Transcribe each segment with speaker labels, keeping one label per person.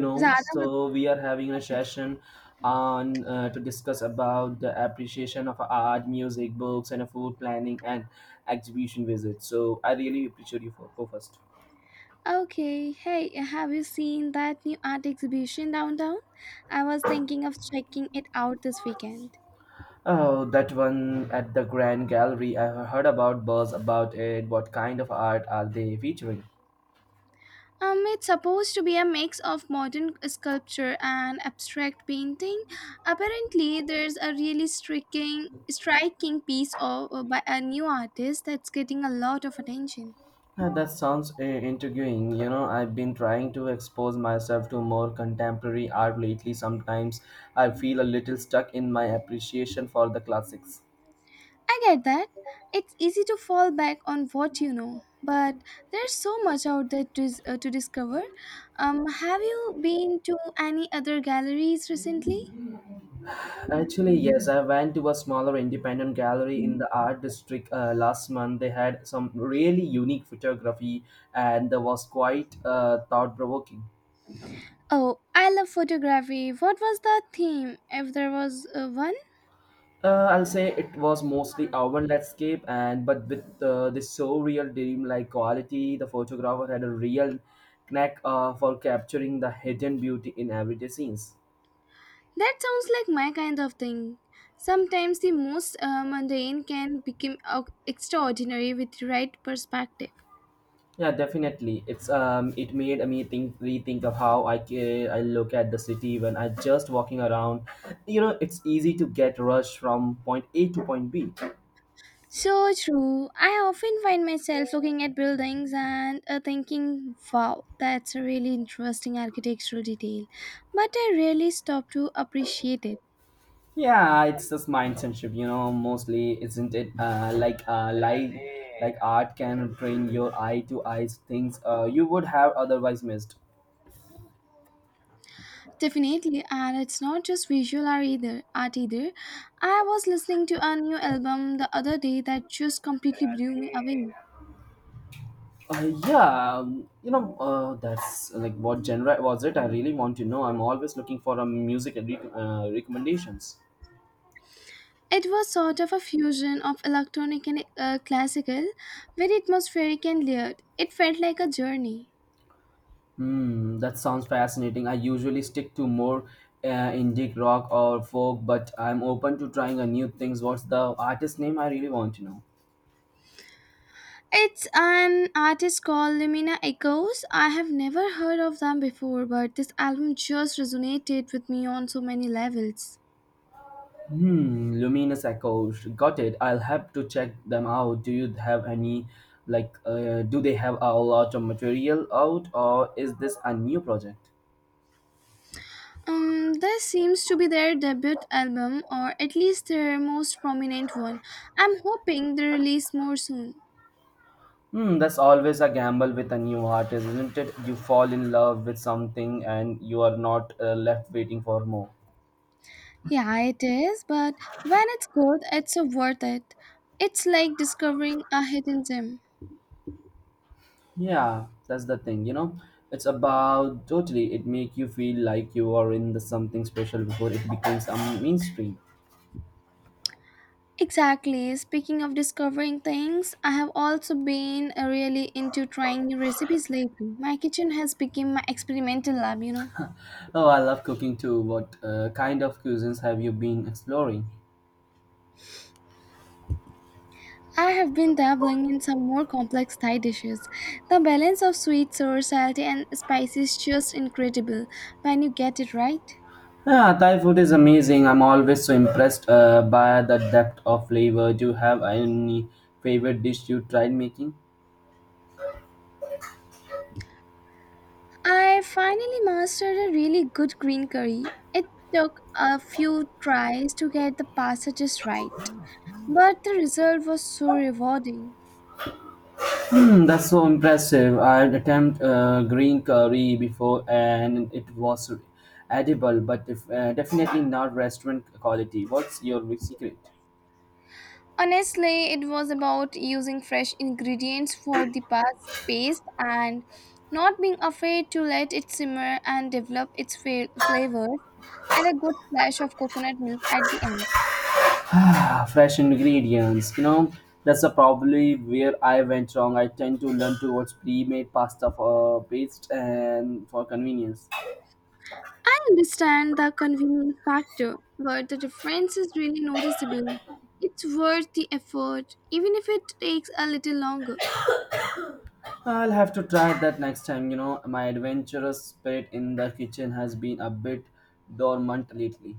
Speaker 1: Know
Speaker 2: Radhamadhi.
Speaker 1: so we are having a session on to discuss about the appreciation of art, music, books, and a food planning and exhibition visit. So I really appreciate you for go first.
Speaker 2: Okay, hey, have you seen that new art exhibition downtown? I was thinking of checking it out this weekend.
Speaker 1: Oh, that one at the grand gallery. I heard about buzz about it. What kind of art are they featuring?
Speaker 2: It's supposed to be a mix of modern sculpture and abstract painting. Apparently, there's a really striking piece of by a new artist that's getting a lot of attention.
Speaker 1: That sounds intriguing. You know, I've been trying to expose myself to more contemporary art lately. Sometimes I feel a little stuck in my appreciation for the classics.
Speaker 2: I get that. It's easy to fall back on what you know, but there's so much out there to discover. Have you been to any other galleries recently?
Speaker 1: Actually, yes, I went to a smaller independent gallery in the art district last month. They had some really unique photography, and that was quite thought provoking.
Speaker 2: Oh, I love photography. What was the theme, if there was one?
Speaker 1: I'll say it was mostly urban landscape, and but with this surreal dreamlike quality. The photographer had a real knack for capturing the hidden beauty in everyday scenes.
Speaker 2: That sounds like my kind of thing. Sometimes the most mundane can become extraordinary with the right perspective.
Speaker 1: Yeah, definitely. It's it made me rethink of how I look at the city when I just walking around. You know, it's easy to get rushed from point A to point B.
Speaker 2: So true. I often find myself looking at buildings and thinking, wow, that's a really interesting architectural detail. But I rarely stop to appreciate it.
Speaker 1: Yeah, it's just mindsetship. You know, mostly, isn't it? Like art can bring your eye to eyes things you would have otherwise missed.
Speaker 2: Definitely, and it's not just visual art either. Art either. I was listening to a new album the other day that just completely blew me away.
Speaker 1: Yeah, that's like, what genre was it? I really want to know. I'm always looking for a music recommendations.
Speaker 2: It was sort of a fusion of electronic and classical, very atmospheric and layered. It felt like a journey.
Speaker 1: Hmm, that sounds fascinating. I usually stick to more indie rock or folk, but I'm open to trying a new things. What's the artist name? I really want to know.
Speaker 2: It's an artist called Lumina Echoes. I have never heard of them before, but this album just resonated with me on so many levels.
Speaker 1: Hmm, Luminous Echoes. Got it. I'll have to check them out. Do you have any, like, do they have a lot of material out, or is this a new project?
Speaker 2: This seems to be their debut album, or at least their most prominent one. I'm hoping they release more soon.
Speaker 1: Hmm, that's always a gamble with a new artist, isn't it? You fall in love with something and you are not left waiting for more.
Speaker 2: Yeah, it is, but when it's good, it's so worth it. It's like discovering a hidden gem.
Speaker 1: Yeah, that's the thing, you know. It's about totally it make you feel like you are in the something special before it becomes a mainstream.
Speaker 2: Exactly. Speaking of discovering things, I have also been really into trying new recipes lately. My kitchen has become my experimental lab, you know.
Speaker 1: Oh, I love cooking too. What kind of cuisines have you been exploring?
Speaker 2: I have been dabbling in some more complex Thai dishes. The balance of sweet, sour, salty, and spicy is just incredible when you get it right.
Speaker 1: Yeah, Thai food is amazing. I'm always so impressed by the depth of flavor. Do you have any favorite dish you tried making?
Speaker 2: I finally mastered a really good green curry. It took a few tries to get the pasta just right, but the result was so rewarding.
Speaker 1: That's so impressive. I'd attempt green curry before and it was edible, but if, definitely not restaurant quality. What's your big secret?
Speaker 2: Honestly, it was about using fresh ingredients for the paste and not being afraid to let it simmer and develop its flavors and a good splash of coconut milk at the end.
Speaker 1: Ah, fresh ingredients. You know, that's a probably where I went wrong. I tend to learn towards pre-made pasta for paste and for convenience.
Speaker 2: I understand the convenience factor, but the difference is really noticeable. It's worth the effort, even if it takes a little longer.
Speaker 1: I'll have to try that next time. You know, my adventurous spirit in the kitchen has been a bit dormant lately.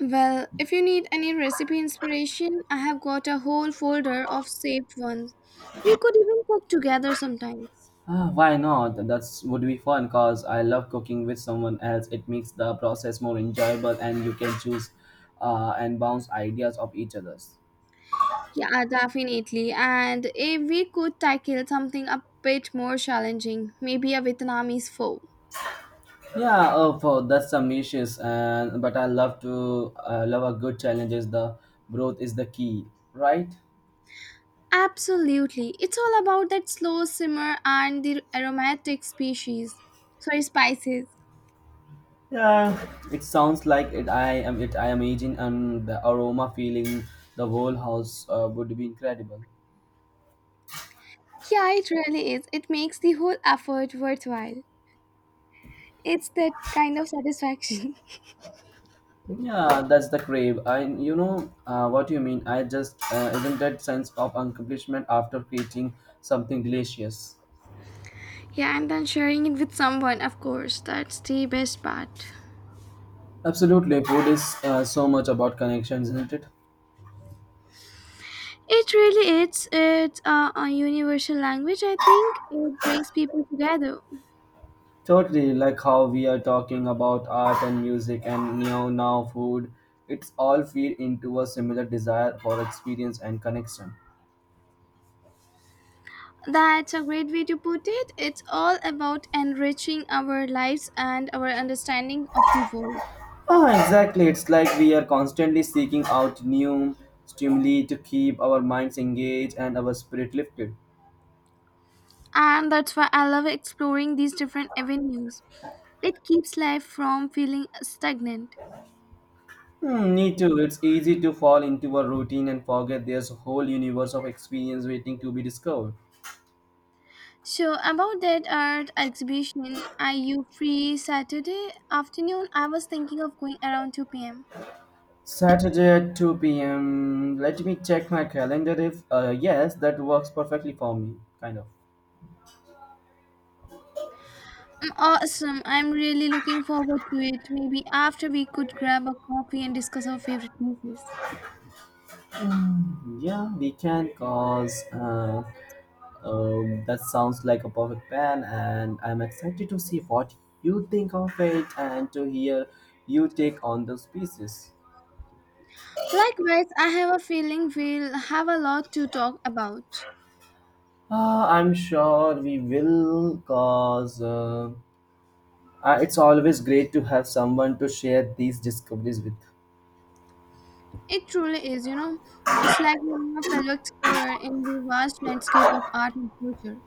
Speaker 2: Well, if you need any recipe inspiration, I have got a whole folder of saved ones. We could even cook together sometimes.
Speaker 1: Ah, why not? That's would be fun because I love cooking with someone else. It makes the process more enjoyable, and you can choose and bounce ideas of each other's.
Speaker 2: Yeah, definitely. And if we could tackle something a bit more challenging, maybe a Vietnamese pho.
Speaker 1: Yeah, oh, for that's some dishes, and but I love to love a good challenge. Is the growth is the key, right?
Speaker 2: Absolutely. It's all about that slow simmer and the aromatic species. Sorry, spices.
Speaker 1: Yeah, it sounds like it. I am aging, and the aroma feeling the whole house would be incredible.
Speaker 2: Yeah, it really is. It makes the whole effort worthwhile. It's that kind of satisfaction.
Speaker 1: Yeah, that's the crave. I, you know, what you mean. I just isn't that sense of accomplishment after creating something delicious.
Speaker 2: Yeah, and then sharing it with someone, of course, that's the best part.
Speaker 1: Absolutely, food is so much about connections, isn't it?
Speaker 2: It really is. It's a universal language, I think. It brings people together.
Speaker 1: Totally, like how we are talking about art and music and now food. It's all feed into a similar desire for experience and connection.
Speaker 2: That's a great way to put it. It's all about enriching our lives and our understanding of the world.
Speaker 1: Ah, exactly. It's like we are constantly seeking out new stimuli to keep our minds engaged and our spirit lifted.
Speaker 2: And that's why I love exploring these different avenues. It keeps life from feeling stagnant.
Speaker 1: Hmm, me too. It's easy to fall into a routine and forget there's a whole universe of experience waiting to be discovered.
Speaker 2: So about that art exhibition, are you free Saturday afternoon? I was thinking of going around 2 p.m.
Speaker 1: Saturday at 2 p.m. Let me check my calendar if, yes, that works perfectly for me. Kind of.
Speaker 2: Awesome. I'm really looking forward to it. Maybe after we could grab a coffee and discuss our favorite movies.
Speaker 1: Yeah, we can cause. That sounds like a perfect plan, and I'm excited to see what you think of it and to hear you take on those pieces.
Speaker 2: Likewise, I have a feeling we'll have a lot to talk about.
Speaker 1: I'm sure we will, cause. It's always great to have someone to share these discoveries with.
Speaker 2: It truly is, you know. It's like being a fellow explorer in the vast landscape of art and culture.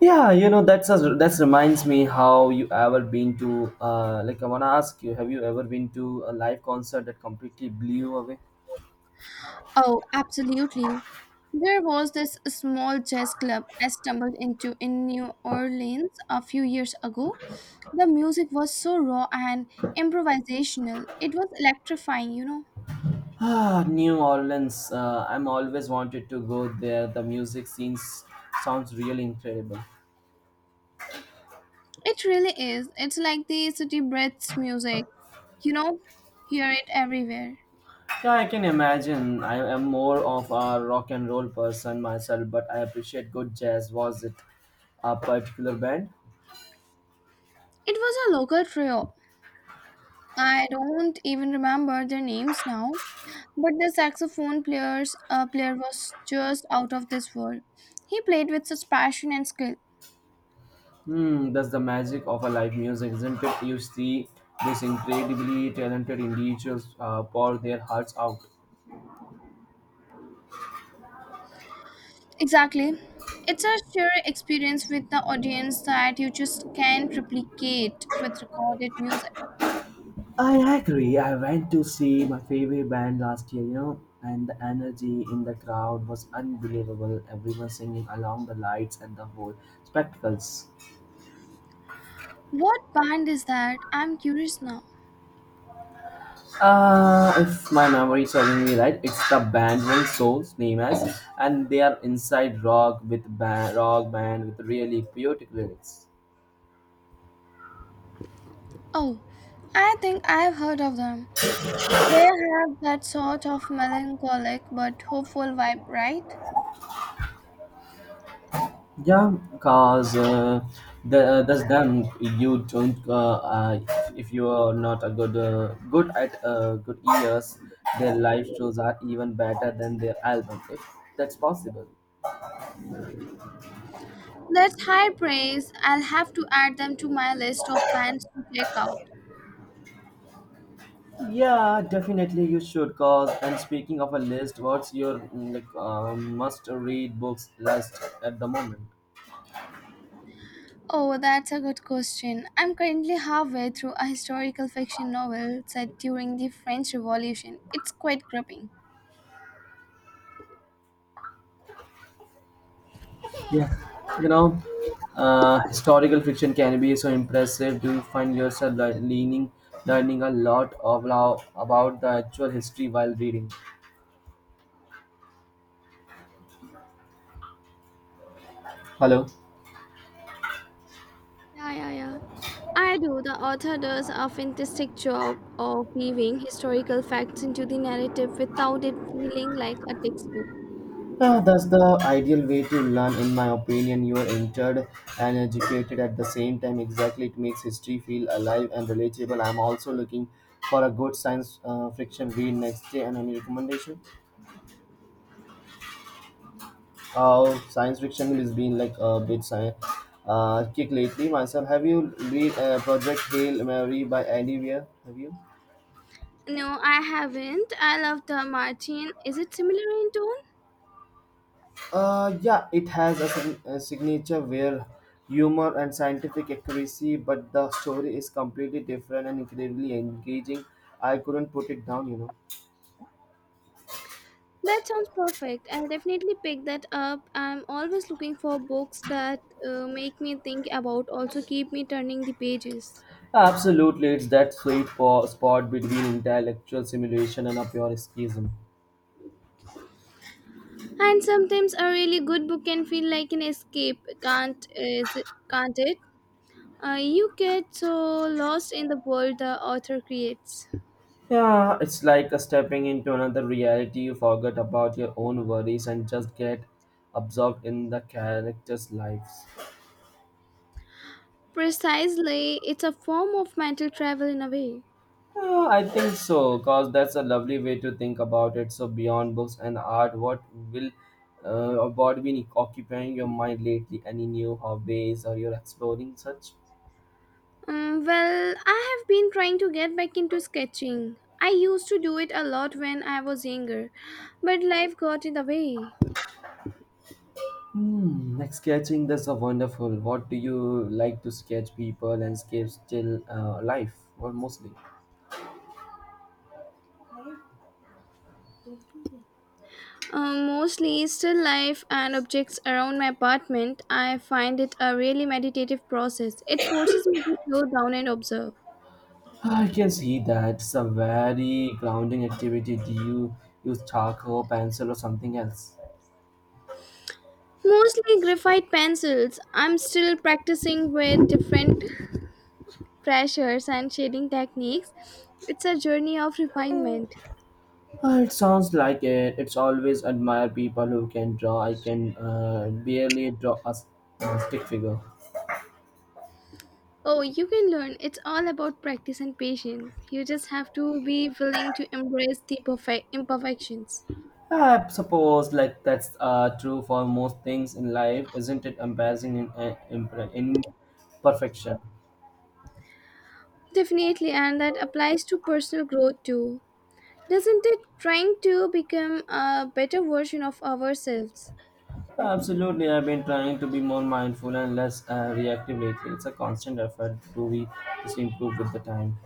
Speaker 1: Yeah, you know that's a, that reminds me, how you ever been to like, I wanna ask you, have you ever been to a live concert that completely blew you away?
Speaker 2: Oh, absolutely. There was this small jazz club I stumbled into in New Orleans a few years ago. The music was so raw and improvisational. It was electrifying, you know.
Speaker 1: Ah, New Orleans. I'm always wanted to go there. The music scenes sounds really incredible.
Speaker 2: It really is. It's like the city breathes music. You know, hear it everywhere.
Speaker 1: Yeah, I can imagine. I am more of a rock and roll person myself, but I appreciate good jazz. Was it a particular band?
Speaker 2: It was a local trio. I don't even remember their names now, but the saxophone player was just out of this world. He played with such passion and skill.
Speaker 1: Hmm, that's the magic of a live music, isn't it? You see these incredibly talented individuals pour their hearts out.
Speaker 2: Exactly. It's a sheer experience with the audience that you just can't replicate with recorded music.
Speaker 1: I agree. I went to see my favorite band last year, you know, and the energy in the crowd was unbelievable. Everyone singing along the lights and the whole spectacles.
Speaker 2: What band is that? I'm curious now.
Speaker 1: If my memory is serving me right, it's the band One Soul's name as, and they are inside rock with rock band with really poetic lyrics.
Speaker 2: Oh, I think I've heard of them. They have that sort of melancholic but hopeful vibe, right?
Speaker 1: Yeah, cause the, that's them. You don't. If you are not a good, good at good ears, their live shows are even better than their album. If that's possible.
Speaker 2: That's high praise. I'll have to add them to my list of bands to check out.
Speaker 1: Yeah, definitely you should. Cause and speaking of a list, what's your must-read books list at the moment?
Speaker 2: Oh, that's a good question. I'm currently halfway through a historical fiction novel set during the French Revolution. It's quite gripping.
Speaker 1: Yeah, you know, historical fiction can be so impressive. Do you find yourself leaning, learning a lot of lo- about the actual history while reading? Hello.
Speaker 2: Yeah, yeah, yeah. I do. The author does a fantastic job of weaving historical facts into the narrative without it feeling like a textbook.
Speaker 1: Yeah, that's the ideal way to learn, in my opinion. You are entered and educated at the same time. Exactly, it makes history feel alive and relatable. I'm also looking for a good science fiction read next day. And any recommendation? Science fiction has been like a bit kick lately myself. Have you read Project Hail Mary by Andy Weir? Have you?
Speaker 2: No, I haven't. I love the Martin. Is it similar in tone?
Speaker 1: Yeah, it has a, a signature where humor and scientific accuracy, but the story is completely different and incredibly engaging. I couldn't put it down, you know.
Speaker 2: That sounds perfect. I'll definitely pick that up. I'm always looking for books that make me think about, also keep me turning the pages.
Speaker 1: Absolutely, it's that spot between intellectual simulation and a pure escapism.
Speaker 2: And sometimes a really good book can feel like an escape, can't it? You get so lost in the world the author creates.
Speaker 1: Yeah, it's like a stepping into another reality. You forget about your own worries and just get absorbed in the characters' lives.
Speaker 2: Precisely, it's a form of mental travel in a way.
Speaker 1: Yeah, I think so, because that's a lovely way to think about it. So, beyond books and art, what will or what been occupying your mind lately? Any new hobbies or you're exploring such?
Speaker 2: Well, I have been trying to get back into sketching. I used to do it a lot when I was younger, but life got in the way.
Speaker 1: Hmm, like sketching, that's a wonderful. What do you like to sketch, people, landscapes, still life? Or mostly?
Speaker 2: Mostly still life and objects around my apartment. I find it a really meditative process. It forces me to slow down and observe.
Speaker 1: I can see that it's a very grounding activity. Do you use charcoal, pencil, or something else?
Speaker 2: Mostly graphite pencils. I'm still practicing with different pressures and shading techniques. It's a journey of refinement.
Speaker 1: It sounds like it. It's always admire people who can draw. I can barely draw a stick figure.
Speaker 2: Oh, you can learn. It's all about practice and patience. You just have to be willing to embrace the perfect imperfections.
Speaker 1: I suppose like that's true for most things in life, isn't it? Embarrassing in, imperfection.
Speaker 2: Definitely, and that applies to personal growth too. Doesn't it? Trying to become a better version of ourselves.
Speaker 1: Absolutely, I've been trying to be more mindful and less reactive lately. It's a constant effort. Do we just improve with the time?